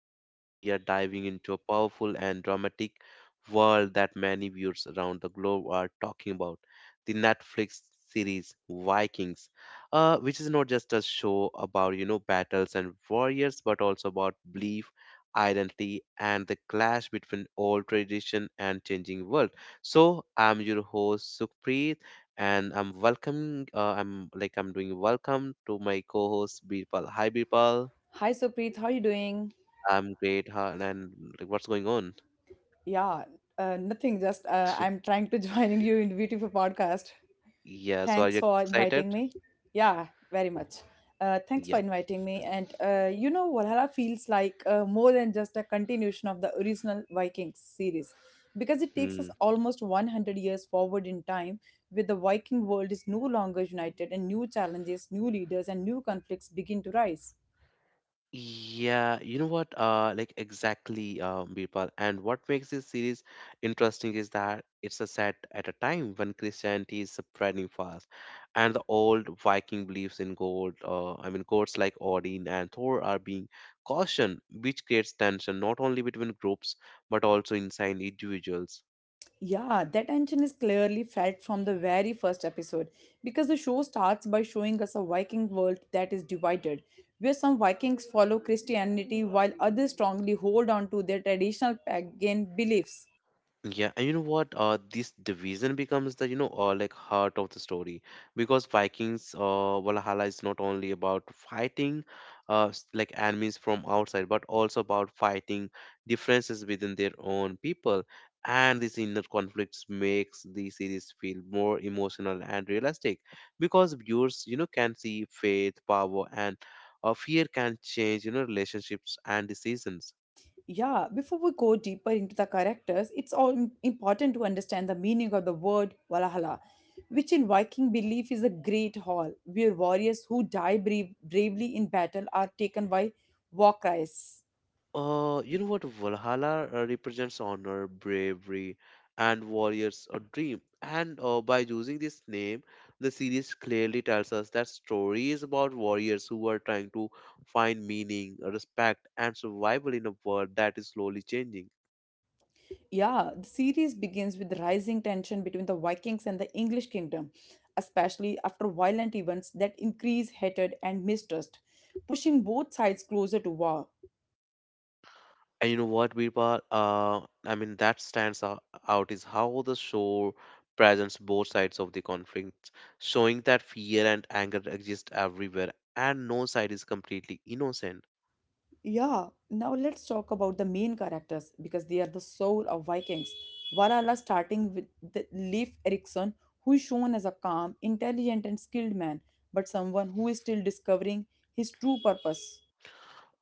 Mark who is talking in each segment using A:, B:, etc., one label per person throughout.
A: And today we are diving into a powerful and dramatic world that many viewers around the globe are talking about the Netflix series Vikings, which is not just a show about, battles and warriors, but also about belief, identity, and the clash between old tradition and changing world. So I'm your host, Sukhpreet and I'm welcoming. I'm like I'm doing welcome to my co-host Birpal. Hi Birpal,
B: Hi Supreet, how are you doing?
A: I'm great. And like, what's going on?
B: Yeah, nothing. Just I'm trying to joining you in the beautiful podcast.
A: Yeah, so are you
B: Thanks for
A: excited?
B: inviting me. Yeah, very much. Thanks
A: Yeah.
B: for inviting me. And Valhalla feels like more than just a continuation of the original Vikings series because it takes us
A: Mm-hmm.
B: almost 100 years forward in time, where the Viking world is no longer united and new challenges, new leaders, and new conflicts begin to rise.
A: Yeah, you know what? Like exactly, Birpal. And what makes this series interesting is that it's a set at a time when Christianity is spreading fast, and the old Viking beliefs in gold, I mean, gods like Odin and Thor are being cautioned, which creates tension not only between groups but also inside individuals.
B: Yeah, that tension is clearly felt from the very first episode because the show starts by showing us a Viking world that is divided, where some Vikings follow Christianity while others strongly hold on to their traditional pagan beliefs.
A: Yeah, and you know what? This division becomes the like heart of the story because Vikings Valhalla is not only about fighting like enemies from outside, but also about fighting differences within their own people. And these inner conflicts makes the series feel more emotional and realistic because viewers you know can see faith, power, and fear can change you know relationships and decisions.
B: Yeah, before we go deeper into the characters, it's all important to understand the meaning of the word Valhalla, which in Viking belief is a great hall where warriors who die bravely in battle are taken by war cries.
A: You know what? Valhalla represents honor, bravery, and warriors a dream. And by using this name, the series clearly tells us that story is about warriors who are trying to find meaning, respect, and survival in a world that is slowly changing.
B: Yeah, the series begins with rising tension between the Vikings and the English kingdom, especially after violent events that increase hatred and mistrust, pushing both sides closer to war.
A: And you know what, Birpa? I mean, that out is how the show presents both sides of the conflict, showing that fear and anger exist everywhere, and no side is completely innocent.
B: Yeah, now let's talk about the main characters because they are the soul of Vikings. Valhalla starting with the Leif Erikson, who is shown as a calm, intelligent, and skilled man, but someone who is still discovering his true purpose.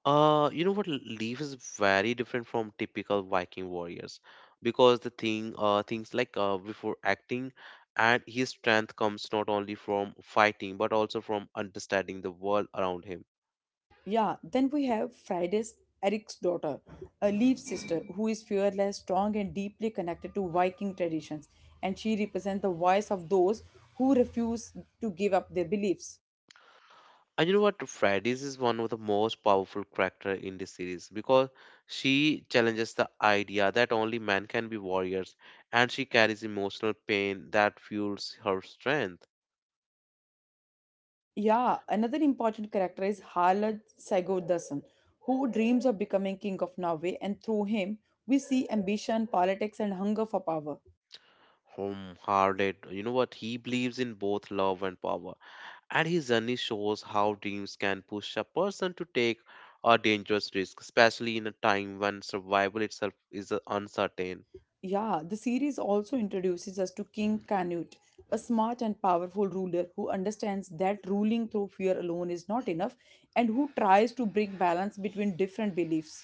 A: You know what? Leaf is very different from typical Viking warriors because things like before acting, and his strength comes not only from fighting but also from understanding the world around him.
B: Yeah, then we have Friday's Eric's daughter, a Leaf sister who is fearless, strong, and deeply connected to Viking traditions, and she represents the voice of those who refuse to give up their beliefs.
A: And you know what? Freddy's is one of the most powerful character in this series because she challenges the idea that only men can be warriors, and she carries emotional pain that fuels her strength.
B: Yeah, another important character is Harald Sigurðarson, who dreams of becoming king of Norway, and through him we see ambition, politics, and hunger for power.
A: Home hearted you know what he believes in both love and power, and his journey shows how dreams can push a person to take a dangerous risk, especially in a time when survival itself is uncertain.
B: Yeah, the series also introduces us to King Canute, a smart and powerful ruler who understands that ruling through fear alone is not enough and who tries to bring balance between different beliefs.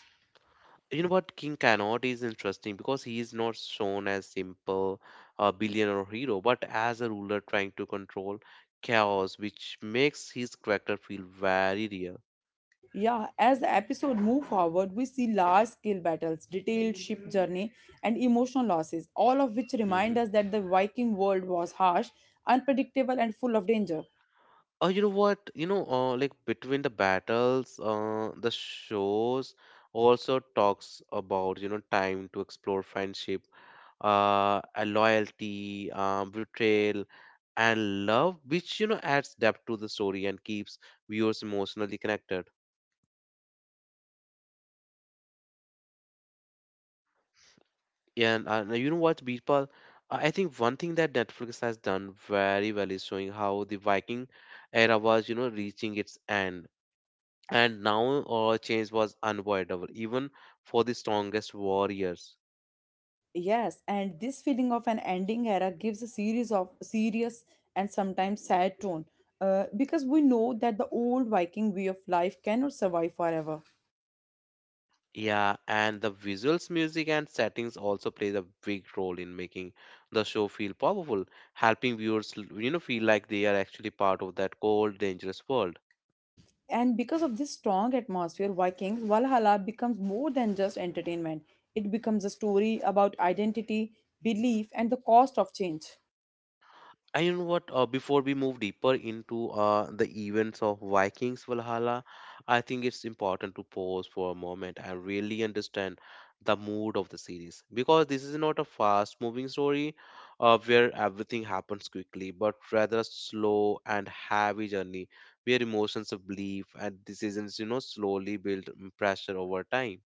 A: You know what, king cannot is interesting because he is not shown as simple a billionaire or hero but as a ruler trying to control chaos, which makes his character feel very real.
B: Yeah, as the episode move forward, we see large-scale battles, detailed ship journey, and emotional losses, all of which
A: Mm-hmm.
B: remind us that the Viking world was harsh, unpredictable, and full of danger.
A: Oh, you know what? Like between the battles, the shows also talks about, time to explore friendship, a loyalty, betrayal, and love, which, adds depth to the story and keeps viewers emotionally connected. And now you know what, Birpal? I think one thing that Netflix has done very well is showing how the Viking era was, reaching its end and now change was unavoidable even for the strongest warriors.
B: Yes, and this feeling of an ending era gives a series of serious and sometimes sad tone, because we know that the old Viking way of life cannot survive forever.
A: Yeah, and the visuals, music, and settings also played a big role in making the show feel powerful, helping you know feel like they are actually part of that cold dangerous world.
B: And because of this strong atmosphere, Vikings Valhalla becomes more than just entertainment. It becomes a story about identity, belief, and the cost of change.
A: And you know what? Before we move deeper into the events of Vikings Valhalla, I think it's important to pause for a moment and really understand the mood of the series because this is not a fast-moving story where everything happens quickly, but rather a slow and heavy journey where emotions of belief and decisions, slowly build pressure over time.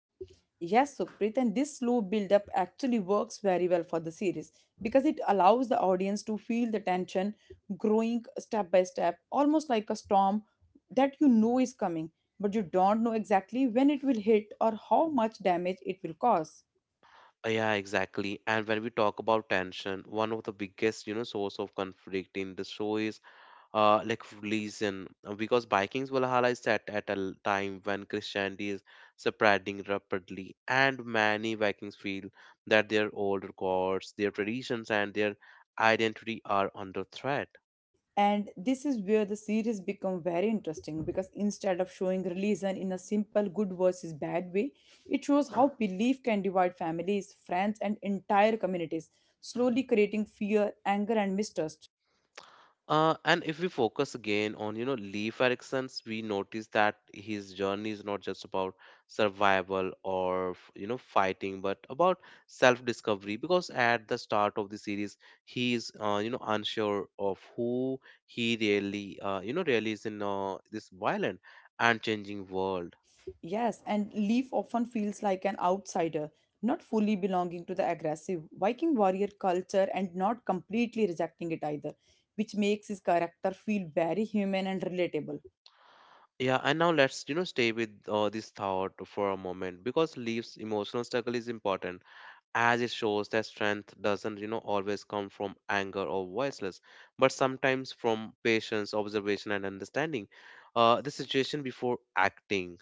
B: Yes, Sukrit, and this slow build up actually works very well for the series because it allows the audience to feel the tension growing step by step, almost like a storm that you know is coming, but you don't know exactly when it will hit or how much damage it will cause.
A: Yeah, exactly. And when we talk about tension, one of the biggest, source of conflict in the show is like religion because Vikings, Valhalla is set at a time when Christianity is spreading rapidly and many Vikings feel that their old gods, their traditions, and their identity are under threat.
B: And this is where the series become very interesting because instead of showing religion in a simple good versus bad way, it shows how belief can divide families, friends, and entire communities, slowly creating fear, anger, and mistrust.
A: And if we focus again on, Leif Erikson's, we notice that his journey is not just about survival or, you know, fighting, but about self-discovery. Because at the start of the series, he is, you know, unsure of who he really, really is in this violent and changing world.
B: Yes, and Leaf often feels like an outsider, not fully belonging to the aggressive Viking warrior culture and not completely rejecting it either, which makes his character feel very human and relatable.
A: Yeah, and now let's, stay with this thought for a moment because Leaf's emotional struggle is important as it shows that strength doesn't you know always come from anger or voiceless but sometimes from patience, observation, and understanding the situation before acting.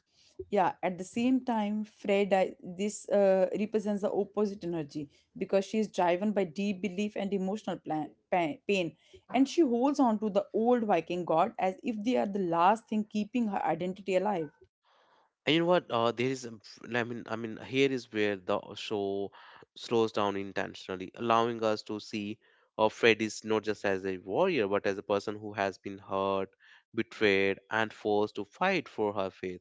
B: Yeah, at the same time, Fred I, this represents the opposite energy because she is driven by deep belief and emotional pain, and she holds on to the old Viking god as if they are the last thing keeping her identity alive.
A: And you know what? Uh, there is a f- I mean here is where the show slows down intentionally, allowing us to see freddy's not just as a warrior but as a person who has been hurt, betrayed, and forced to fight for her faith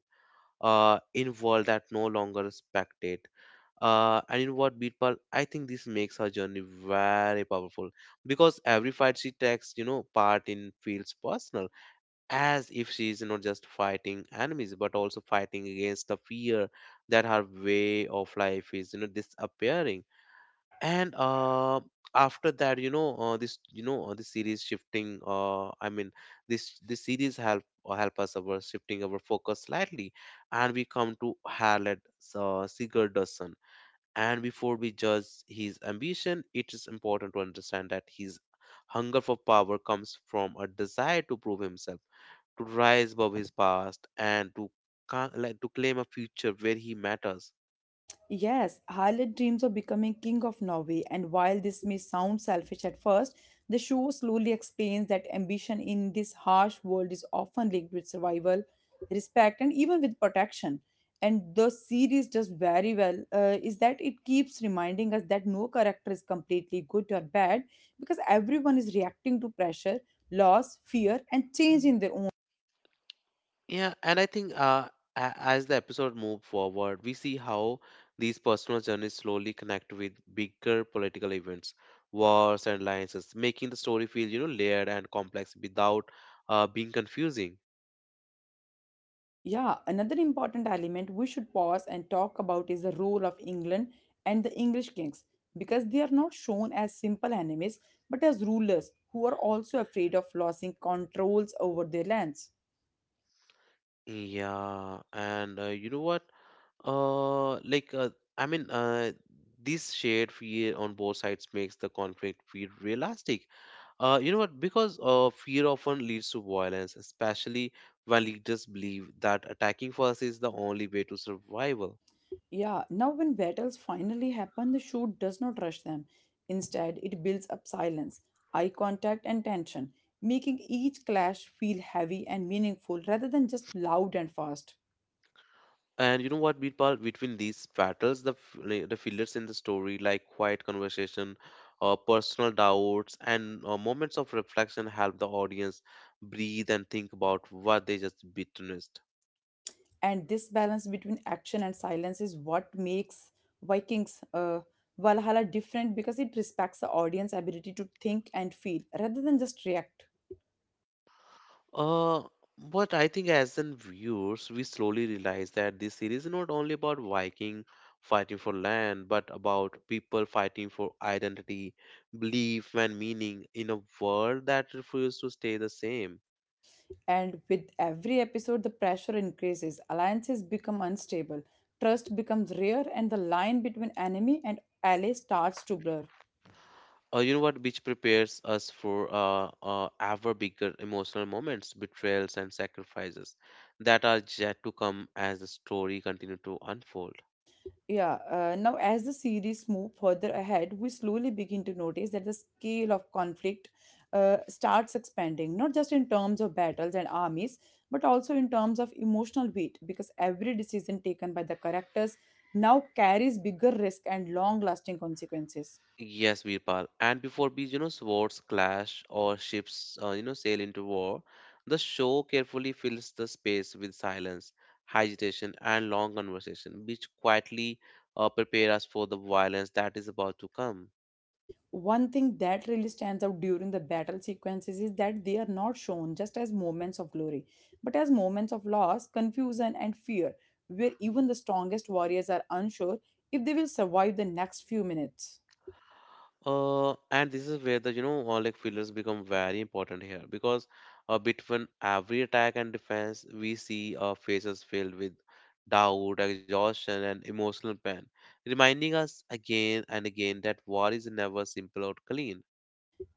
A: in world that no longer respected. And you know what, Birpal? I think this makes her journey very powerful because every fight she takes, part in feels personal, as if she is not just fighting enemies but also fighting against the fear that her way of life is, disappearing. And after that, this series shifting. This series help or help us our shifting our focus slightly, and we come to Harriet Sigurdasson, and before we judge his ambition, it is important to understand that his hunger for power comes from a desire to prove himself, to rise above his past, and like, to claim a future where he matters.
B: Yes, Harlot dreams of becoming king of Norway, and while this may sound selfish at first, the show slowly explains that ambition in this harsh world is often linked with survival, respect, and even with protection. And the series does very well is that it keeps reminding us that no character is completely good or bad because everyone is reacting to pressure, loss, fear, and change in their own.
A: Yeah, and I think as the episode moves forward, we see how these personal journeys slowly connect with bigger political events, wars, and alliances, making the story feel you know layered and complex without being confusing.
B: Yeah, another important element we should pause and talk about is the role of England and the English kings because they are not shown as simple enemies but as rulers who are also afraid of losing controls over their lands.
A: Yeah, and you know what? Uh, like, uh, I mean, uh, this shared fear on both sides makes the conflict feel realistic. You know what? Because fear often leads to violence, especially when leaders believe that attacking first is the only way to survival.
B: Yeah, now when battles finally happen, the show does not rush them. Instead, it builds up silence, eye contact, and tension, making each clash feel heavy and meaningful rather than just loud and fast.
A: And you know what, Birpal? Between these battles, like, the fillers in the story, like quiet conversation, personal doubts, and moments of reflection, help the audience breathe and think about what they just witnessed.
B: And this balance between action and silence is what makes Vikings Valhalla different because it respects the audience ability to think and feel rather than just react.
A: Uh, but I think as in viewers, we slowly realize that this series is not only about Viking fighting for land, but about people fighting for identity, belief, and meaning in a world that refuses to stay the same.
B: And with every episode, the pressure increases, alliances become unstable, trust becomes rare, and the line between enemy and ally starts to blur.
A: You know what, which prepares us for ever bigger emotional moments, betrayals, and sacrifices that are yet to come as the story continue to unfold.
B: Yeah, now as the series move further ahead, we slowly begin to notice that the scale of conflict starts expanding, not just in terms of battles and armies, but also in terms of emotional weight, because every decision taken by the characters now carries bigger risk and long-lasting consequences.
A: Yes, Virpal. And before these, swords clash or ships, sail into war, the show carefully fills the space with silence, agitation, and long conversation, which quietly prepare us for the violence that is about to come.
B: One thing that really stands out during the battle sequences is that they are not shown just as moments of glory, but as moments of loss, confusion, and fear, where even the strongest warriors are unsure if they will survive the next few minutes.
A: And this is where the you know like fillers become very important here because between every attack and defense we see faces filled with doubt, exhaustion, and emotional pain, reminding us again and again that war is never simple or clean.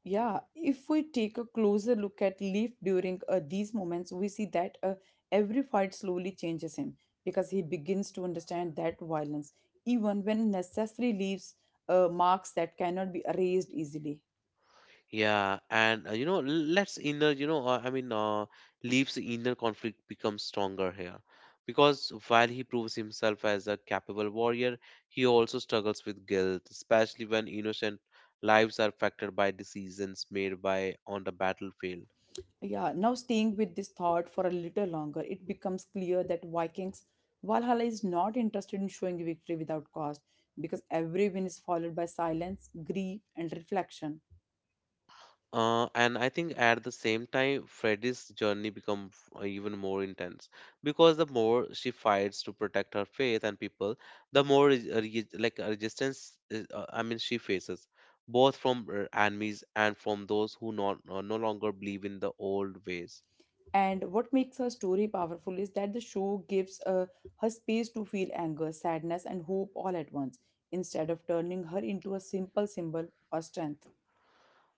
B: Yeah, if we take a closer look at Leaf during these moments, we see that every fight slowly changes him because he begins to understand that violence, even when necessary, leaves marks that cannot be erased easily.
A: Yeah, and you know, l- let's inner, you know, I mean, Leaf's inner conflict becomes stronger here because while he proves himself as a capable warrior, he also struggles with guilt, especially when innocent lives are affected by decisions made by on the battlefield.
B: Yeah, now staying with this thought for a little longer, it becomes clear that Vikings Valhalla is not interested in showing victory without cost because every win is followed by silence, grief, and reflection.
A: And I think at the same time, Freddy's journey becomes even more intense because the more she fights to protect her faith and people, the more res- re- like resistance. I mean, she faces both from her enemies and from those who not, no longer believe in the old ways.
B: And what makes her story powerful is that the show gives her space to feel anger, sadness, and hope all at once, instead of turning her into a simple symbol or strength.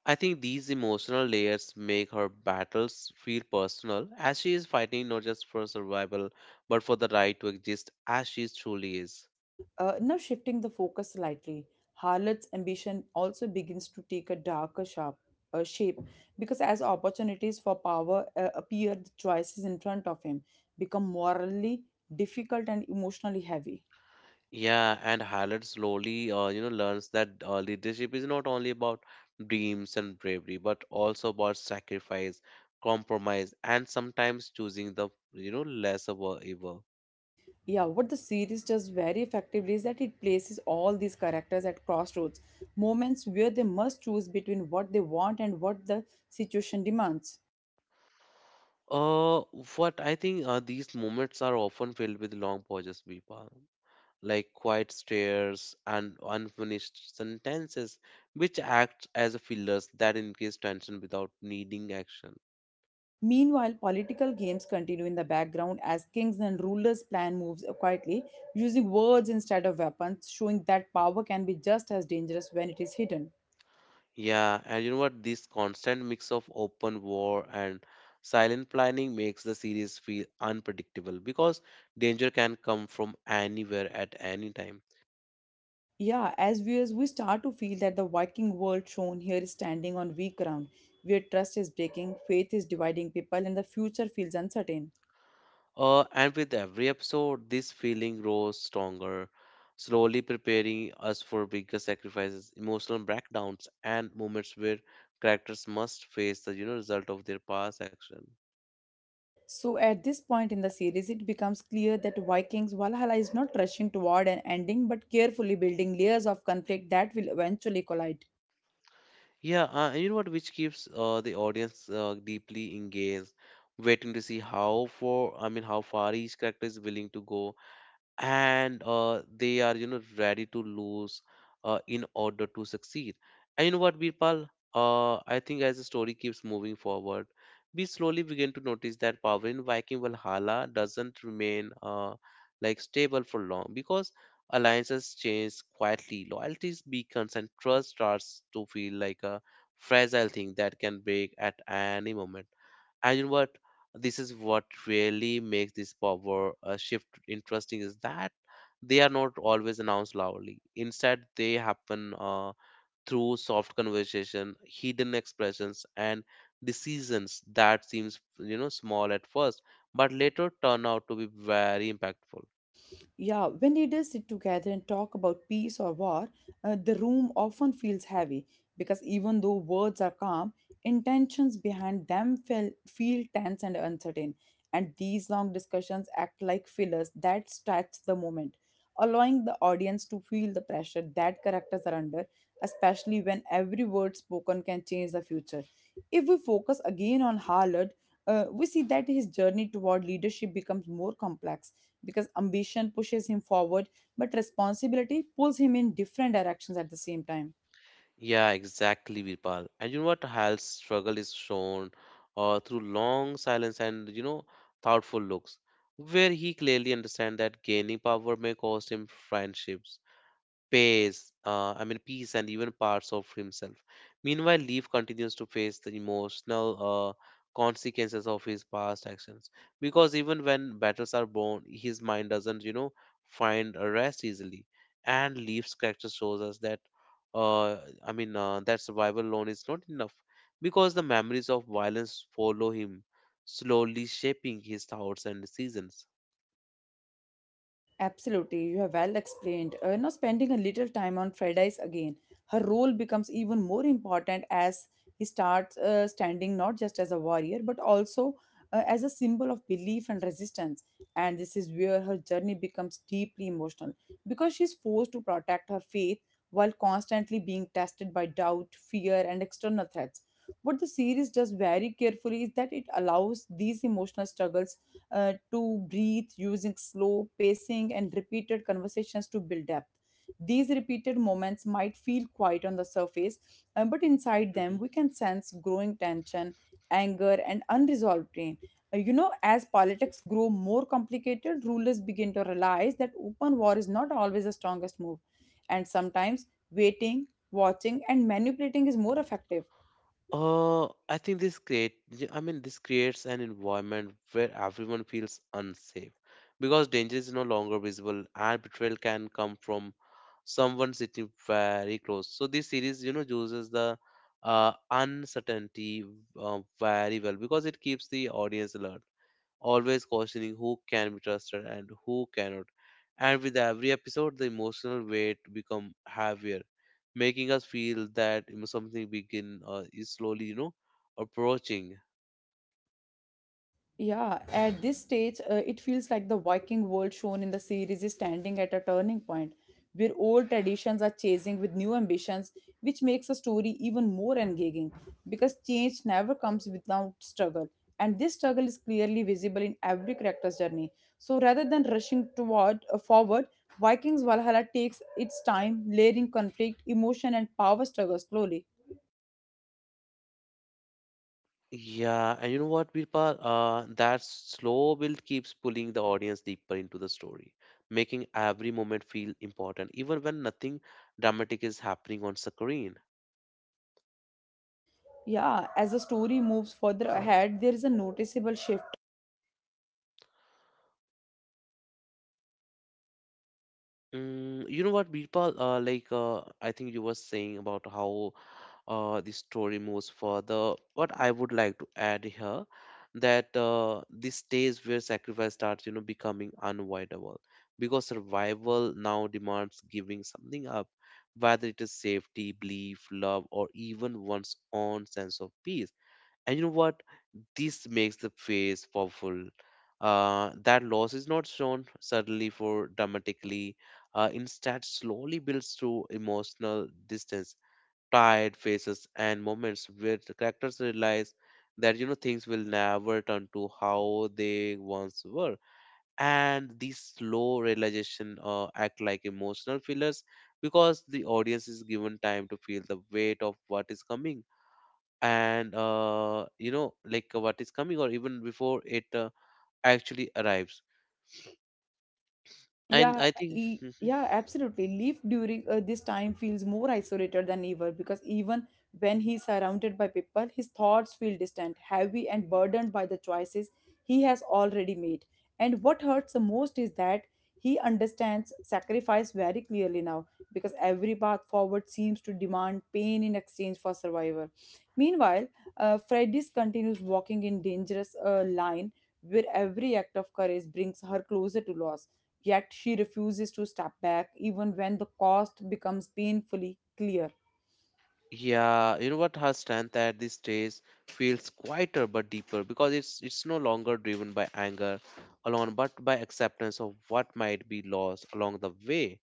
A: I think these emotional layers make her battles feel personal, as she is fighting not just for survival but for the right to exist as she truly is.
B: Now, shifting the focus slightly, Harlot's ambition also begins to take a darker shape because as opportunities for power appear, the choices in front of him become morally difficult and emotionally heavy.
A: Yeah, and Hallett slowly, learns that leadership is not only about dreams and bravery, but also about sacrifice, compromise, and sometimes choosing the, lesser evil.
B: Yeah, what the series does very effectively is that it places all these characters at crossroads, moments where they must choose between what they want and what the situation demands.
A: Uh, what I think these moments are often filled with long pauses, Vipa, like quiet stares and unfinished sentences, which act as fillers that increase tension without needing action.
B: Meanwhile, political games continue in the background as kings and rulers plan moves quietly, using words instead of weapons, showing that power can be just as dangerous when it is hidden.
A: Yeah, and you know what? This constant mix of open war and silent planning makes the series feel unpredictable because danger can come from anywhere at any time.
B: Yeah, as viewers, we start to feel that the Viking world shown here is standing on weak ground, where trust is breaking, faith is dividing people, and the future feels uncertain.
A: And with every episode, this feeling grows stronger, slowly preparing us for bigger sacrifices, emotional breakdowns, and moments where characters must face the you know result of their past action.
B: So at this point in the series, it becomes clear that Vikings Valhalla is not rushing toward an ending but carefully building layers of conflict that will eventually collide.
A: Yeah, and you know what, which keeps the audience deeply engaged, waiting to see how for I mean how far each character is willing to go, and they are ready to lose in order to succeed. And you know what, Birpal? I think as the story keeps moving forward, we slowly begin to notice that power in Viking Valhalla doesn't remain like stable for long because alliances change quietly, loyalties beacons, and trust starts to feel like a fragile thing that can break at any moment. And you know what? This is what really makes this power shift interesting is that they are not always announced loudly. Instead, they happen through soft conversation, hidden expressions, and decisions that seems small at first, but later turn out to be very impactful.
B: Yeah, when leaders sit together and talk about peace or war, the room often feels heavy because even though words are calm, intentions behind them feel tense and uncertain. And these long discussions act like fillers that stretch the moment, allowing the audience to feel the pressure that characters are under, especially when every word spoken can change the future. If we focus again on Haaland, we see that his journey toward leadership becomes more complex because ambition pushes him forward, but responsibility pulls him in different directions at the same time.
A: Yeah, exactly, Virpal. And you know what? Hal's struggle is shown through long silence and, you know, thoughtful looks, where he clearly understands that gaining power may cost him friendships, pace, I mean peace, and even parts of himself. Meanwhile, Leaf continues to face the emotional consequences of his past actions because even when battles are born, his mind doesn't, you know, find a rest easily. And Leaf's character shows us that, uh, that survival alone is not enough because the memories of violence follow him, slowly shaping his thoughts and decisions.
B: Absolutely, you have well explained. Now, spending a little time on Fridays again, her role becomes even more important as he starts standing not just as a warrior but also as a symbol of belief and resistance. And this is where her journey becomes deeply emotional because she's forced to protect her faith while constantly being tested by doubt, fear, and external threats. What the series does very carefully is that it allows these emotional struggles to breathe, using slow pacing and repeated conversations to build depth. These repeated moments might feel quiet on the surface, but inside them we can sense growing tension, anger, and unresolved pain. You know, as politics grow more complicated, rulers begin to realize that open war is not always the strongest move, and sometimes waiting, watching, and manipulating is more effective.
A: I think this create, yeah, I mean, this creates an environment where everyone feels unsafe because danger is no longer visible and betrayal can come from someone sitting very close. So this series, you know, uses the uncertainty very well because it keeps the audience alert, always questioning who can be trusted and who cannot. And with every episode, the emotional weight become heavier, making us feel that, you know, something begin is slowly, you know, approaching.
B: Yeah, at this stage, it feels like the Viking world shown in the series is standing at a turning point where old traditions are chasing with new ambitions, which makes the story even more engaging because change never comes without struggle. And this struggle is clearly visible in every character's journey. So rather than rushing toward forward, Vikings Valhalla takes its time, layering conflict, emotion, and power struggle slowly.
A: Yeah, and you know what, Birpal? That slow build keeps pulling the audience deeper into the story, making every moment feel important, even when nothing dramatic is happening on screen.
B: Yeah, as the story moves further ahead, there is a noticeable shift.
A: Mm, you know what, Birpal? Like I think you were saying about how the story moves further. What I would like to add here that this stage where sacrifice starts, you know, becoming unavoidable because survival now demands giving something up, whether it is safety, belief, love, or even one's own sense of peace. And you know what? This makes the phase powerful. That loss is not shown suddenly for dramatically, instead slowly builds through emotional distance, tired faces, and moments where the characters realize that, you know, things will never turn to how they once were. And these slow realization act like emotional fillers because the audience is given time to feel the weight of what is coming, and what is coming or even before it actually arrives. And
B: Yeah,
A: I think hmm,
B: yeah, absolutely. Leaf during this time feels more isolated than ever because even when he's surrounded by people, his thoughts feel distant, heavy, and burdened by the choices he has already made. And what hurts the most is that he understands sacrifice very clearly now because every path forward seems to demand pain in exchange for survival. Meanwhile, Freddy's continues walking in dangerous line where every act of courage brings her closer to loss. Yet she refuses to step back even when the cost becomes painfully clear.
A: yeah, you know what? Her strength at this stage feels quieter but deeper because it's no longer driven by anger alone, but by acceptance of what might be lost along the way.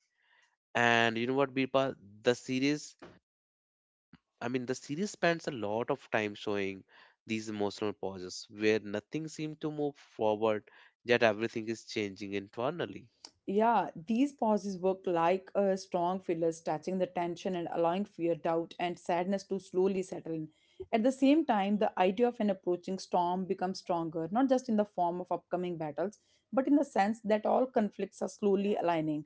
A: And you know what, Birpa? The series, the series spends a lot of time showing these emotional pauses where nothing seems to move forward, yet everything is changing internally.
B: Yeah, these pauses work like a strong filler, stretching the tension and allowing fear, doubt, and sadness to slowly settle in. At the same time, the idea of an approaching storm becomes stronger, not just in the form of upcoming battles, but in the sense that all conflicts are slowly aligning.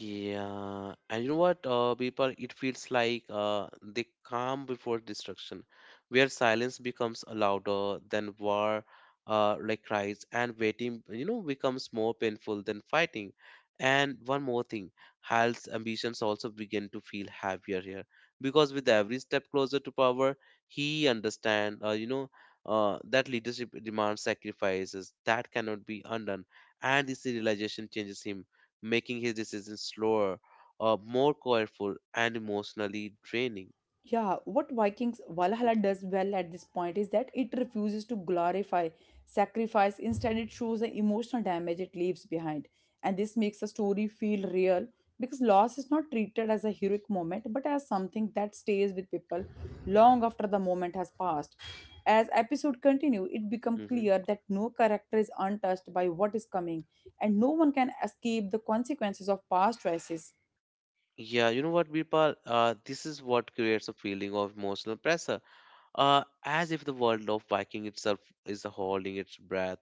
A: Yeah, and you know what, people, it feels like they calm before destruction, where silence becomes louder than war, like cries, and waiting, you know, becomes more painful than fighting. And one more thing, Hal's ambitions also begin to feel heavier here, because with every step closer to power, he understand, that leadership demands sacrifices that cannot be undone, and this realization changes him, making his decisions slower, more careful, and emotionally draining.
B: Yeah, what Vikings Valhalla does well at this point is that it refuses to glorify sacrifice. Instead, it shows the emotional damage it leaves behind. And this makes the story feel real because loss is not treated as a heroic moment but as something that stays with people long after the moment has passed. As episode continue, it becomes
A: Mhm.
B: clear that no character is untouched by what is coming and no one can escape the consequences of past choices.
A: Yeah, you know what, Birpal? This is what creates a feeling of emotional pressure, as if the world of Viking itself is holding its breath.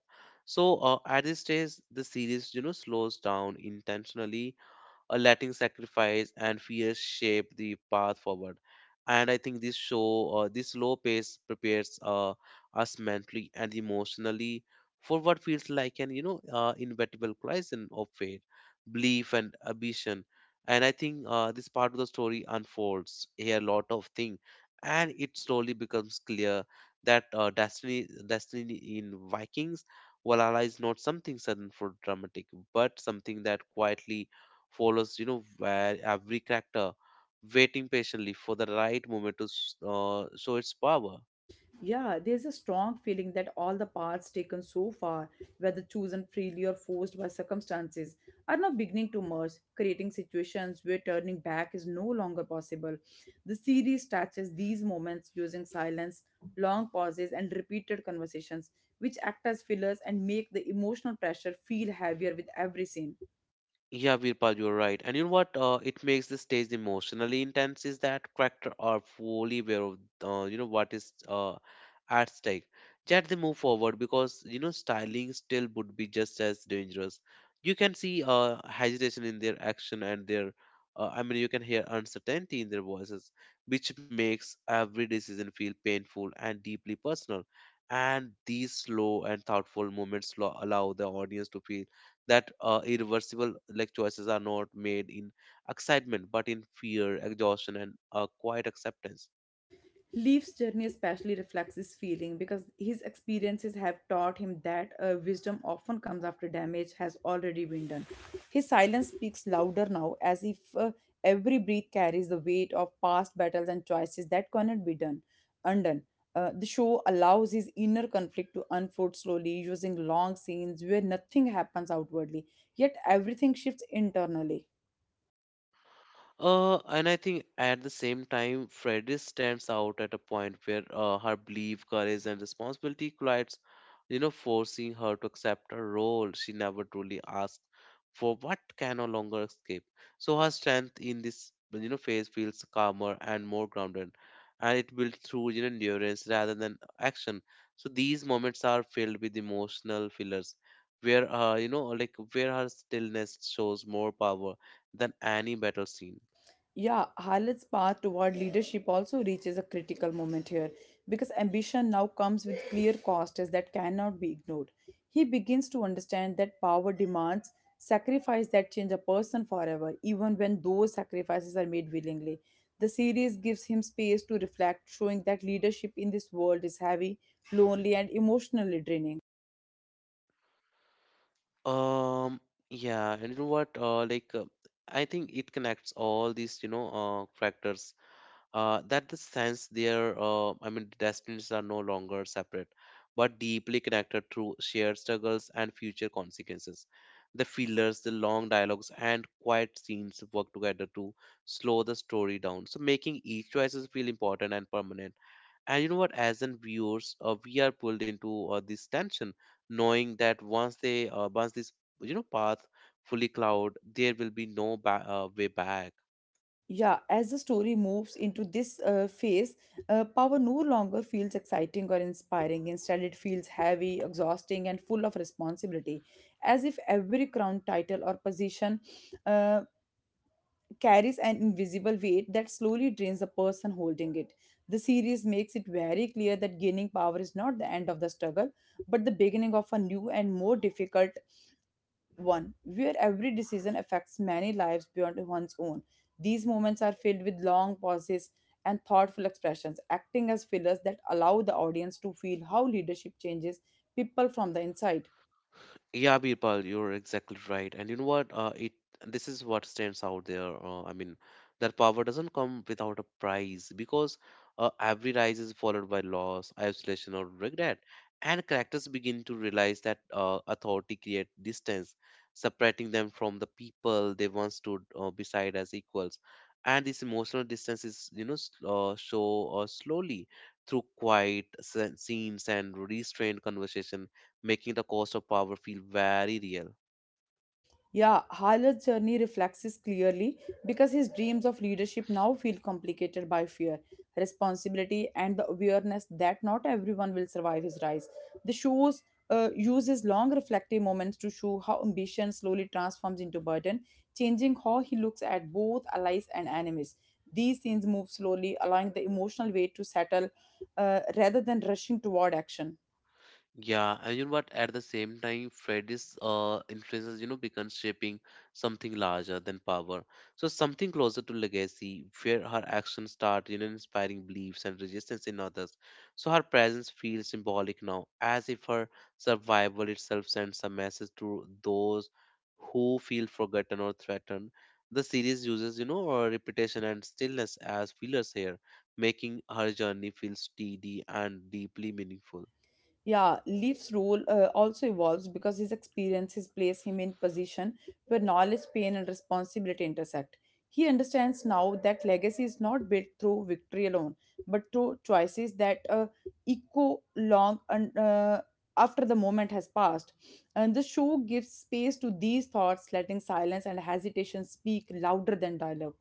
A: So at this stage, the series, you know, slows down intentionally, letting sacrifice and fear shape the path forward. And I think this low pace prepares us mentally and emotionally for what feels like an, you know, inevitable collision of fate, belief, and ambition. And I think this part of the story unfolds here a lot of things, and it slowly becomes clear that destiny, destiny in Vikings, Valhalla is not something sudden for dramatic, but something that quietly follows, you know, where every character waiting patiently for the right moment to show its power.
B: Yeah, there's a strong feeling that all the paths taken so far, whether chosen freely or forced by circumstances, are now beginning to merge, creating situations where turning back is no longer possible. The series touches these moments using silence, long pauses, and repeated conversations, which act as fillers and make the emotional pressure feel heavier with every scene.
A: Yeah, Virpal, you're right. And you know what? It makes the stage emotionally intense is that character are fully aware of, you know, what is at stake. Yet they move forward because, you know, styling still would be just as dangerous. You can see hesitation in their action, and their, you can hear uncertainty in their voices, which makes every decision feel painful and deeply personal. And these slow and thoughtful moments allow the audience to feel that irreversible like choices are not made in excitement but in fear, exhaustion, and quiet acceptance.
B: Leaf's journey especially reflects this feeling because his experiences have taught him that wisdom often comes after damage has already been done. His silence speaks louder now, as if every breath carries the weight of past battles and choices that cannot be done undone. The show allows his inner conflict to unfold slowly, using long scenes where nothing happens outwardly, yet everything shifts internally.
A: And I think at the same time, Freddy stands out at a point where her belief, courage, and responsibility collides, you know, forcing her to accept a role she never truly asked for what can no longer escape. So her strength in this, you know, phase feels calmer and more grounded, and it builds through, you know, endurance rather than action. So these moments are filled with emotional fillers, where, you know, like where her stillness shows more power than any battle scene.
B: Yeah, Harlot's path toward leadership also reaches a critical moment here because ambition now comes with clear costs that cannot be ignored. He begins to understand that power demands sacrifice that change a person forever, even when those sacrifices are made willingly. The series gives him space to reflect, showing that leadership in this world is heavy, lonely, and emotionally draining.
A: Um, yeah, and you know what? I think it connects all these, you know, factors. That the sense their, destinies are no longer separate, but deeply connected through shared struggles and future consequences. The fillers, the long dialogues, and quiet scenes work together to slow the story down, so making each choices feel important and permanent. And you know what? As in viewers, we are pulled into this tension, knowing that once this, you know, path fully cloud, there will be no way back.
B: Yeah, as the story moves into this phase, power no longer feels exciting or inspiring. Instead, it feels heavy, exhausting, and full of responsibility, as if every crown title or position uh, carries an invisible weight that slowly drains the person holding it. The series makes it very clear that gaining power is not the end of the struggle, but the beginning of a new and more difficult one where every decision affects many lives beyond one's own. These moments are filled with long pauses and thoughtful expressions, acting as fillers that allow the audience to feel how leadership changes people from the inside.
A: Yeah, Birpal, you're exactly right. And you know what? It this is what stands out there. That power doesn't come without a price because every rise is followed by loss, isolation, or regret. And characters begin to realize that authority creates distance, separating them from the people they once stood beside as equals. And this emotional distance is, you know, s- show slowly through quiet scenes and restrained conversation, making the cost of power feel very real.
B: Yeah, Halat's journey reflects this clearly because his dreams of leadership now feel complicated by fear, responsibility, and the awareness that not everyone will survive his rise. The shows uses long reflective moments to show how ambition slowly transforms into burden, changing how he looks at both allies and enemies. These scenes move slowly, allowing the emotional weight to settle rather than rushing toward action.
A: Yeah, and you know what? At the same time, Freddy's influences, you know, becomes shaping something larger than power. So something closer to legacy, where her actions start, you know, inspiring beliefs and resistance in others. So her presence feels symbolic now, as if her survival itself sends a message to those who feel forgotten or threatened. The series uses, you know, repetition and stillness as fillers here, making her journey feel steady and deeply meaningful.
B: Yeah, Leaf's role also evolves because his experiences place him in position where knowledge, pain, and responsibility intersect. He understands now that legacy is not built through victory alone, but through choices that echo long and after the moment has passed. And the show gives space to these thoughts, letting silence and hesitation speak louder than dialogue.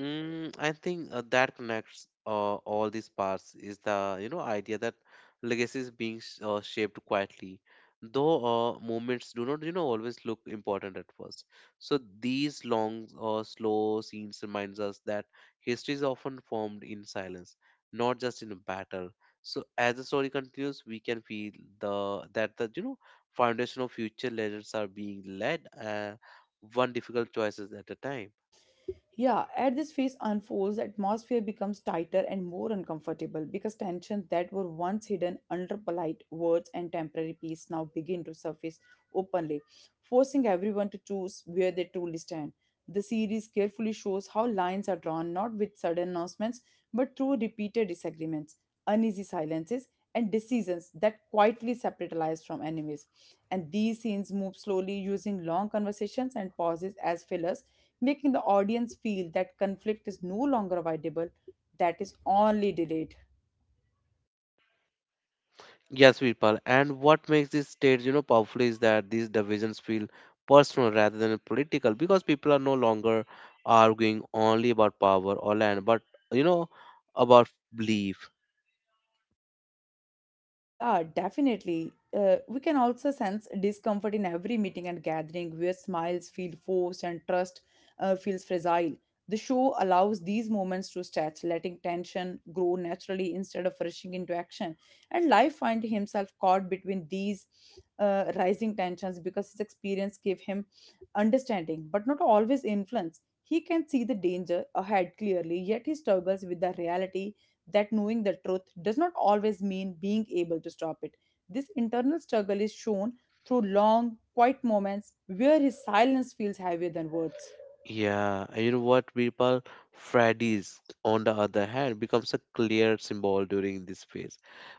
A: Mm, I think that connects all these parts is the, you know, idea that legacy is being sh shaped quietly, though moments do not, you know, always look important at first. So these long slow scenes reminds us that history is often formed in silence, not just in a battle. So as the story continues, we can feel the that the, you know, foundation of future legends are being laid, one difficult choices at a time.
B: Yeah, as this phase unfolds, the atmosphere becomes tighter and more uncomfortable because tensions that were once hidden under polite words and temporary peace now begin to surface openly, forcing everyone to choose where they truly stand. The series carefully shows how lines are drawn not with sudden announcements but through repeated disagreements, uneasy silences, and decisions that quietly separate allies from enemies. And these scenes move slowly using long conversations and pauses as fillers, making the audience feel that conflict is no longer avoidable, that is only delayed.
A: Yes, Virpal. And what makes these states, you know, powerful is that these divisions feel personal rather than political because people are no longer arguing only about power or land, but, you know, about belief.
B: Yeah, definitely. We can also sense discomfort in every meeting and gathering where smiles feel forced and trust feels fragile. The show allows these moments to stretch, letting tension grow naturally instead of rushing into action. And life finds himself caught between these rising tensions because his experience gave him understanding, but not always influence. He can see the danger ahead clearly, yet he struggles with the reality that knowing the truth does not always mean being able to stop it. This internal struggle is shown through long, quiet moments where his silence feels heavier than words.
A: Yeah, and you know what, Virpal? Freddy's, on the other hand, becomes a clear symbol during this phase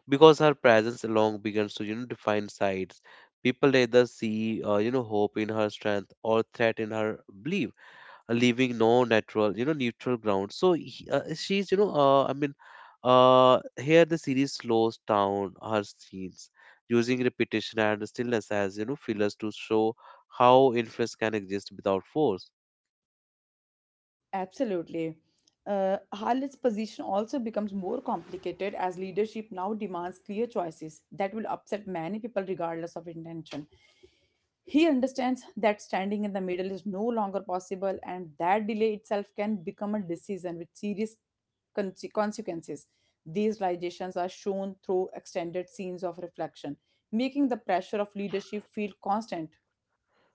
A: because her presence along begins to, you know, define sides. People either see, you know, hope in her strength or threat in her belief, leaving no natural, you know, neutral ground. So she's, you know, here the series slows down her scenes using repetition and stillness as, you know, fillers to show how influence can exist without force.
B: Absolutely. Khalid's position also becomes more complicated as leadership now demands clear choices that will upset many people regardless of intention. He understands that standing in the middle is no longer possible, and that delay itself can become a decision with serious consequences. These realizations are shown through extended scenes of reflection, making the pressure of leadership feel constant.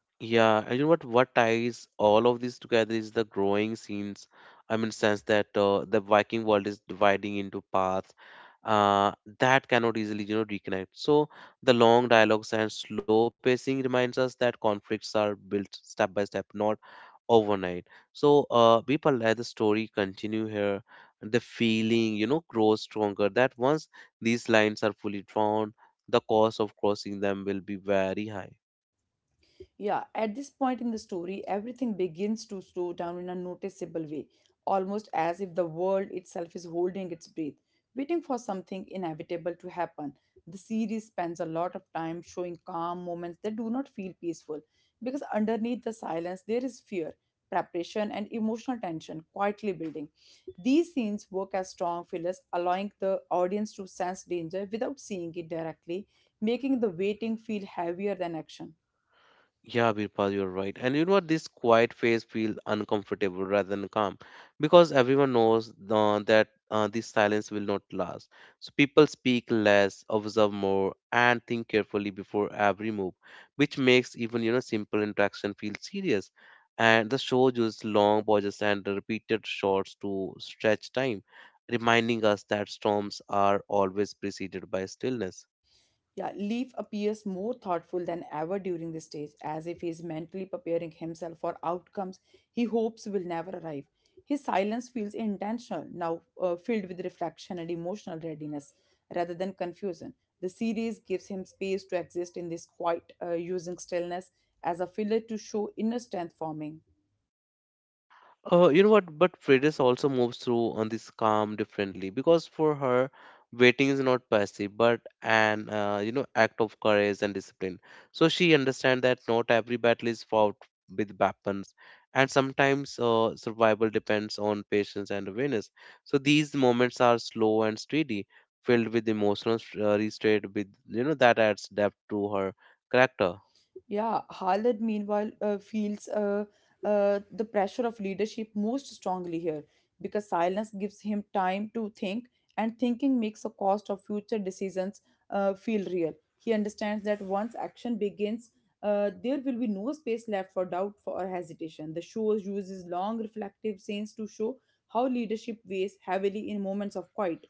A: Yeah, and you know what? What ties all of these together is the growing scenes. I mean, sense that the Viking world is dividing into paths uh, that cannot easily, you know, reconnect. So the long dialogues and slow pacing reminds us that conflicts are built step by step, not overnight. So people let the story continue here. The feeling, you know, grows stronger. That once these lines are fully drawn, the cost of crossing them will be very high.
B: Yeah, at this point in the story, everything begins to slow down in a noticeable way, almost as if the world itself is holding its breath, waiting for something inevitable to happen. The series spends a lot of time showing calm moments that do not feel peaceful, because underneath the silence, there is fear, preparation, and emotional tension quietly building. These scenes work as strong fillers, allowing the audience to sense danger without seeing it directly, making the waiting feel heavier than action.
A: Yeah, Birpal, you're right. And you know what? This quiet phase feels uncomfortable rather than calm because everyone knows that this silence will not last. So people speak less, observe more, and think carefully before every move, which makes even you know simple interaction feel serious. And the show uses long pauses and repeated shots to stretch time, reminding us that storms are always preceded by stillness.
B: Yeah, Leaf appears more thoughtful than ever during this stage, as if he is mentally preparing himself for outcomes he hopes will never arrive. His silence feels intentional, now filled with reflection and emotional readiness rather than confusion. The series gives him space to exist in this quiet, using stillness as a filler to show inner strength forming.
A: You know what? But Freitas also moves through on this calm differently because for her, waiting is not passive but an you know act of courage and discipline. So she understands that not every battle is fought with weapons, and sometimes survival depends on patience and awareness. So these moments are slow and steady, filled with emotional restraint. With you know that adds depth to her character.
B: Yeah, Haaland meanwhile feels the pressure of leadership most strongly here because silence gives him time to think, and thinking makes the cost of future decisions feel real. He understands that once action begins, there will be no space left for doubt or hesitation. The show uses long reflective scenes to show how leadership weighs heavily in moments of quiet.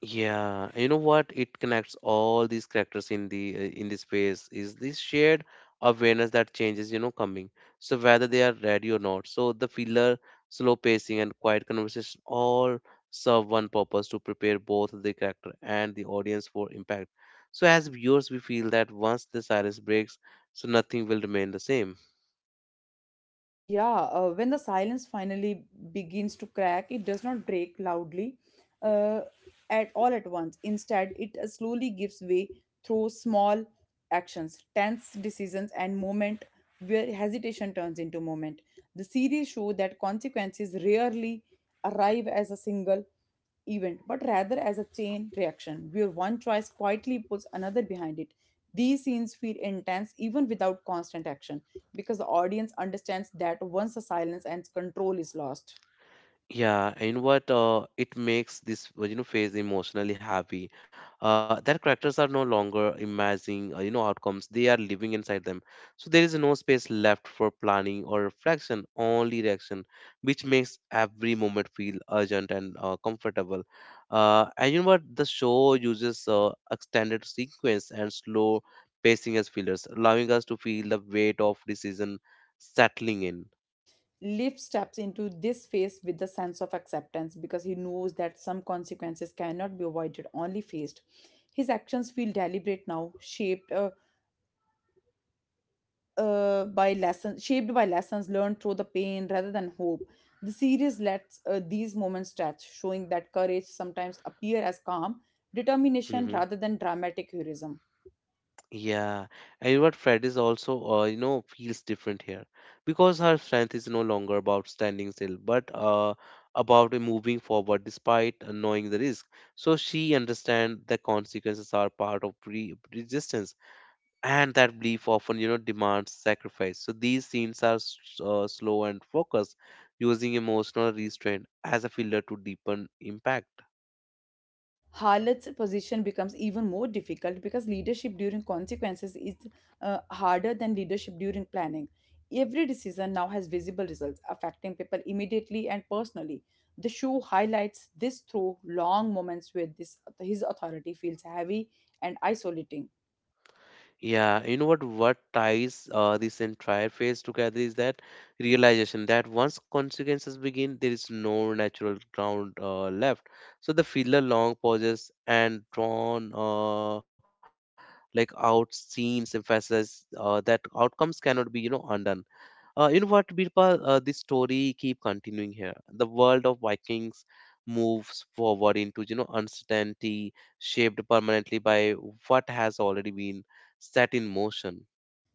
A: Yeah, you know what? It connects all these characters in the space is this shared awareness that changes, you know, coming. So whether they are ready or not. So the filler, slow pacing, and quiet conversation all serve one purpose to prepare both the character and the audience for impact. So as viewers, we feel that once the silence breaks, so nothing will remain the same.
B: Yeah, when the silence finally begins to crack, it does not break loudly uh, at all at once. Instead, it slowly gives way through small actions, tense decisions, and moment where hesitation turns into moment. The series show that consequences rarely arrive as a single event, but rather as a chain reaction where one choice quietly puts another behind it. These scenes feel intense even without constant action because the audience understands that once the silence and control is lost.
A: Yeah, and what it makes this you know phase emotionally happy. That characters are no longer imagining you know outcomes; they are living inside them. So there is no space left for planning or reflection, only reaction, which makes every moment feel urgent and comfortable. And you know what? The show uses extended sequence and slow pacing as fillers, allowing us to feel the weight of decision settling in.
B: Liv steps into this phase with the sense of acceptance because he knows that some consequences cannot be avoided, only faced. His actions feel deliberate now, shaped by lessons learned through the pain rather than hope. The series lets these moments stretch, showing that courage sometimes appear as calm determination
A: Mm-hmm.
B: rather than dramatic heroism.
A: Yeah, and what Fred is also, you know, feels different here because her strength is no longer about standing still, but about moving forward despite knowing the risk. So she understands the consequences are part of pre resistance and that belief often you know demands sacrifice so these scenes are slow and focused using emotional restraint as a filler to deepen impact.
B: Harlot's position becomes even more difficult because leadership during consequences is harder than leadership during planning. Every decision now has visible results affecting people immediately and personally. The show highlights this through long moments where this his authority feels heavy and isolating.
A: Yeah, you know what ties this entire phase together is that realization that once consequences begin there is no natural ground left. So the filler long pauses and drawn like out scenes emphasize that outcomes cannot be you know undone. You know what, Birpal? This story keep continuing here. The world of Vikings moves forward into you know uncertainty, shaped permanently by what has already been set in motion.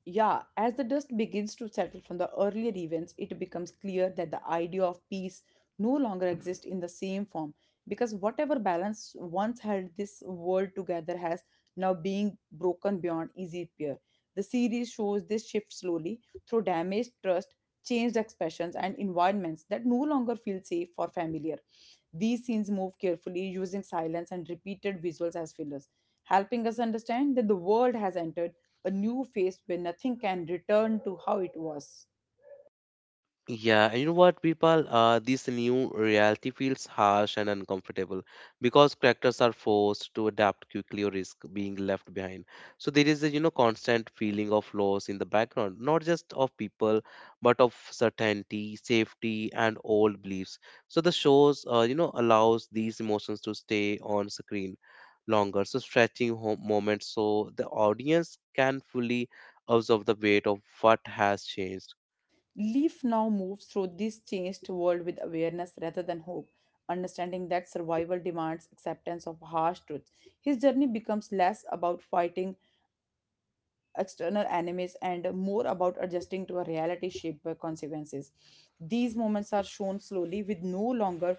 B: Yeah, as the dust begins to settle from the earlier events, it becomes clear that the idea of peace no longer exists in the same form because whatever balance once held this world together has now been broken beyond easy repair. The series shows this shift slowly through damaged trust, changed expressions, and environments that no longer feel safe or familiar. These scenes move carefully, using silence and repeated visuals as fillers, helping us understand that the world has entered a new phase where nothing can return to how it was.
A: Yeah, and you know what, people? This new reality feels harsh and uncomfortable because characters are forced to adapt quickly or risk being left behind. So there is a you know constant feeling of loss in the background, not just of people, but of certainty, safety, and old beliefs. So the shows you know allows these emotions to stay on screen longer, so stretching home moments so the audience can fully absorb the weight of what has changed.
B: Leaf now moves through this changed world with awareness rather than hope, understanding that survival demands acceptance of harsh truths. His journey becomes less about fighting external enemies and more about adjusting to a reality shaped by consequences. These moments are shown slowly with no longer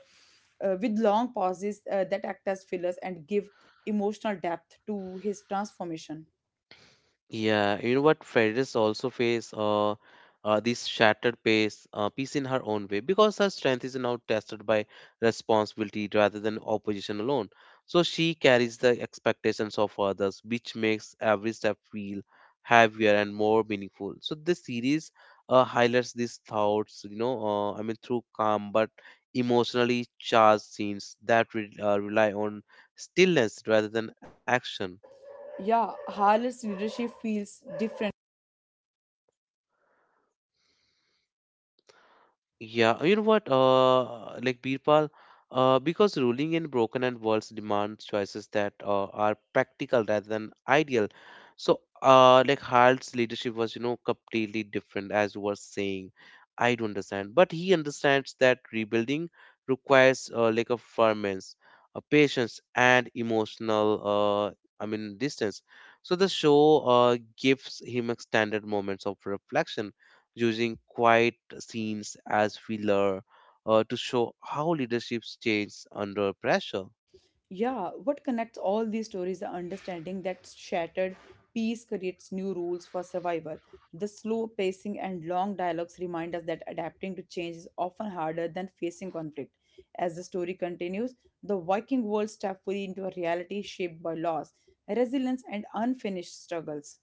B: with long pauses that act as fillers and give emotional depth to his transformation.
A: Yeah, you know what? Federer also face this shattered pace, piece in her own way because her strength is now tested by responsibility rather than opposition alone. So she carries the expectations of others, which makes every step feel heavier and more meaningful. So this series highlights these thoughts, you know, I mean, through calm but emotionally charged scenes that rely on stillness rather than action.
B: Yeah, Harler's leadership feels different.
A: Yeah, you know what? Like Birpal, because ruling in broken and worlds demands choices that are practical rather than ideal. So, like Harald's leadership was, you know, completely different, as you were saying. I do understand, but he understands that rebuilding requires like a firmness, a patience, and emotional, I mean, distance. So the show gives him extended moments of reflection using quiet scenes as filler to show how leaderships change under pressure.
B: Yeah, what connects all these stories is the understanding that shattered peace creates new rules for survival. The slow pacing and long dialogues remind us that adapting to change is often harder than facing conflict. As the story continues, the Viking world steps fully into a reality shaped by loss, resilience, and unfinished struggles.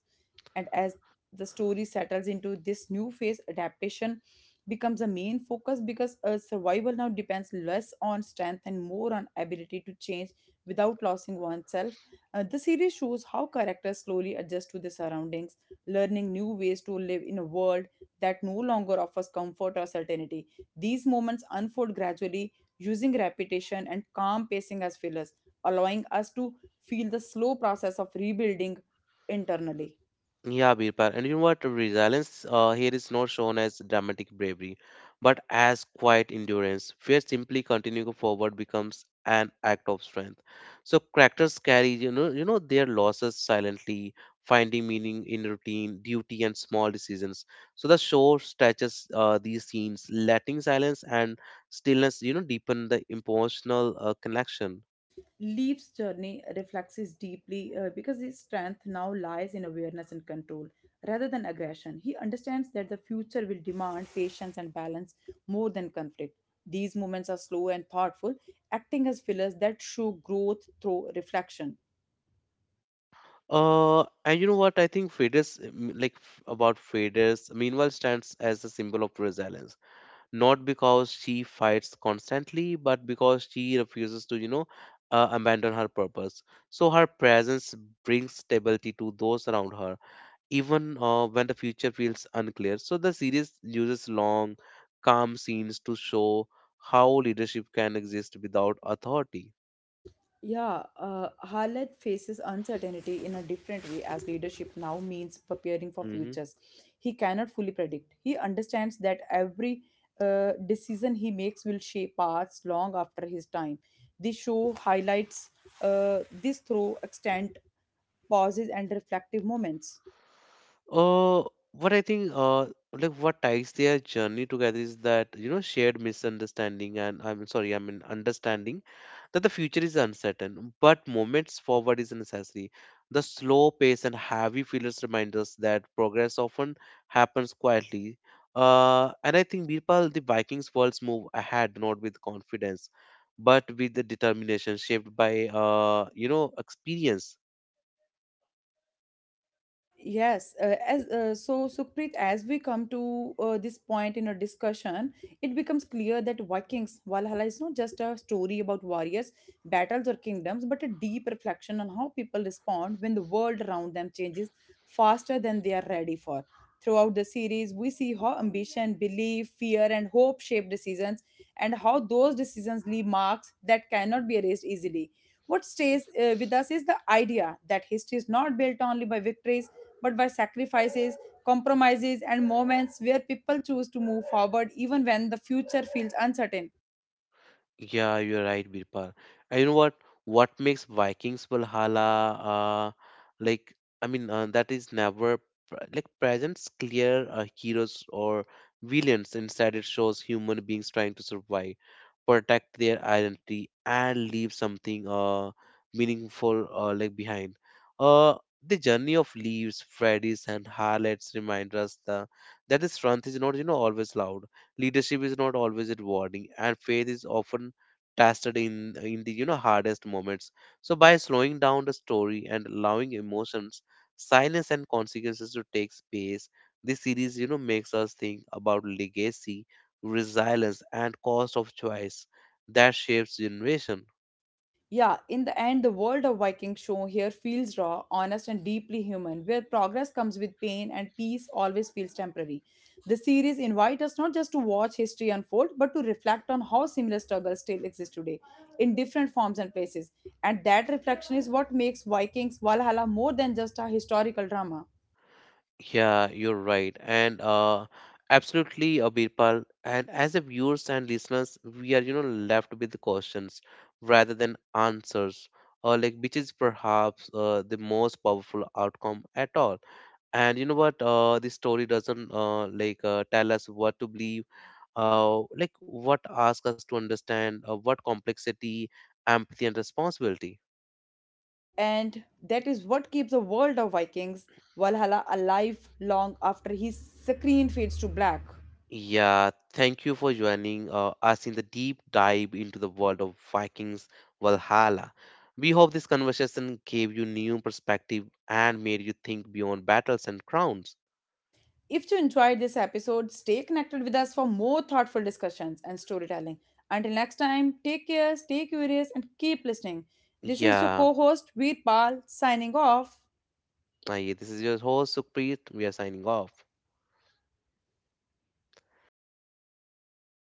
B: And as the story settles into this new phase, adaptation becomes a main focus because survival now depends less on strength and more on ability to change without losing oneself. The series shows how characters slowly adjust to their surroundings, learning new ways to live in a world that no longer offers comfort or certainty. These moments unfold gradually, using repetition and calm pacing as fillers, allowing us to feel the slow process of rebuilding internally.
A: Yeah, Birpal. And you know what? Resilience here is not shown as dramatic bravery, but as quiet endurance, where simply continuing forward becomes an act of strength. So characters carry, you know, their losses silently, finding meaning in routine, duty, and small decisions. So the show stretches these scenes, letting silence and stillness, you know, deepen the emotional connection.
B: Leaf's journey reflects this deeply because his strength now lies in awareness and control rather than aggression. He understands that the future will demand patience and balance more than conflict. These movements are slow and thoughtful, acting as fillers that show growth through reflection.
A: And you know what? I think Faders, like about Faders, meanwhile stands as a symbol of resilience. Not because she fights constantly, but because she refuses to, you know, abandon her purpose. So her presence brings stability to those around her, even when the future feels unclear. So the series uses long, calm scenes to show how leadership can exist without authority.
B: Yeah, Harlech faces uncertainty in a different way as leadership now means preparing for
A: Mm-hmm.
B: futures. He cannot fully predict. He understands that every decision he makes will shape paths long after his time. This show highlights this through extent pauses and reflective moments.
A: Uh, what I think, like what ties their journey together is that you know shared misunderstanding and I'm sorry, I mean understanding that the future is uncertain, but moments forward is necessary. The slow pace and heavy feelers remind us that progress often happens quietly. And I think Birpal, the Vikings' worlds move ahead not with confidence, but with the determination shaped by you know experience.
B: Yes, as so Sukhpreet, as we come to this point in our discussion, it becomes clear that Vikings Valhalla is not just a story about warriors, battles, or kingdoms, but a deep reflection on how people respond when the world around them changes faster than they are ready for. Throughout the series, we see how ambition, belief, fear, and hope shape decisions, and how those decisions leave marks that cannot be erased easily. What stays with us is the idea that history is not built only by victories but by sacrifices, compromises, and moments where people choose to move forward even when the future feels uncertain.
A: Yeah, you're right, Birpal. And you know what? What makes Vikings Valhalla, like, I mean, that is never like presents clear heroes or villains. Instead, it shows human beings trying to survive, protect their identity, and leave something meaningful like behind. Uh, the journey of leaves, Freddy's, and Harlots remind us that the strength is not you know always loud, leadership is not always rewarding, and faith is often tested in the you know hardest moments. So by slowing down the story and allowing emotions, silence, and consequences to take space, this series you know makes us think about legacy, resilience, and cost of choice that shapes generation.
B: Yeah, in the end, the world of Viking show here feels raw, honest, and deeply human, where progress comes with pain and peace always feels temporary. The series invites us not just to watch history unfold, but to reflect on how similar struggles still exist today in different forms and places. And that reflection is what makes Vikings Valhalla more than just a historical drama.
A: Yeah, you're right. And absolutely, Birpal. And as a viewers and listeners, we are, you know, left with questions rather than answers, or like which is perhaps the most powerful outcome at all. And you know what? This story doesn't like tell us what to believe, like what asks us to understand, what complexity, empathy, and responsibility.
B: And that is what keeps the world of Vikings Valhalla alive long after his screen fades to black.
A: Yeah, thank you for joining us in the deep dive into the world of Vikings Valhalla. We hope this conversation gave you new perspective and made you think beyond battles and crowns.
B: If you enjoyed this episode, stay connected with us for more thoughtful discussions and storytelling. Until next time, take care, stay curious, and keep listening. This is your
A: Yeah,
B: co host, Veerpal, signing off.
A: this is your host Sukhpreet. We are signing off. Host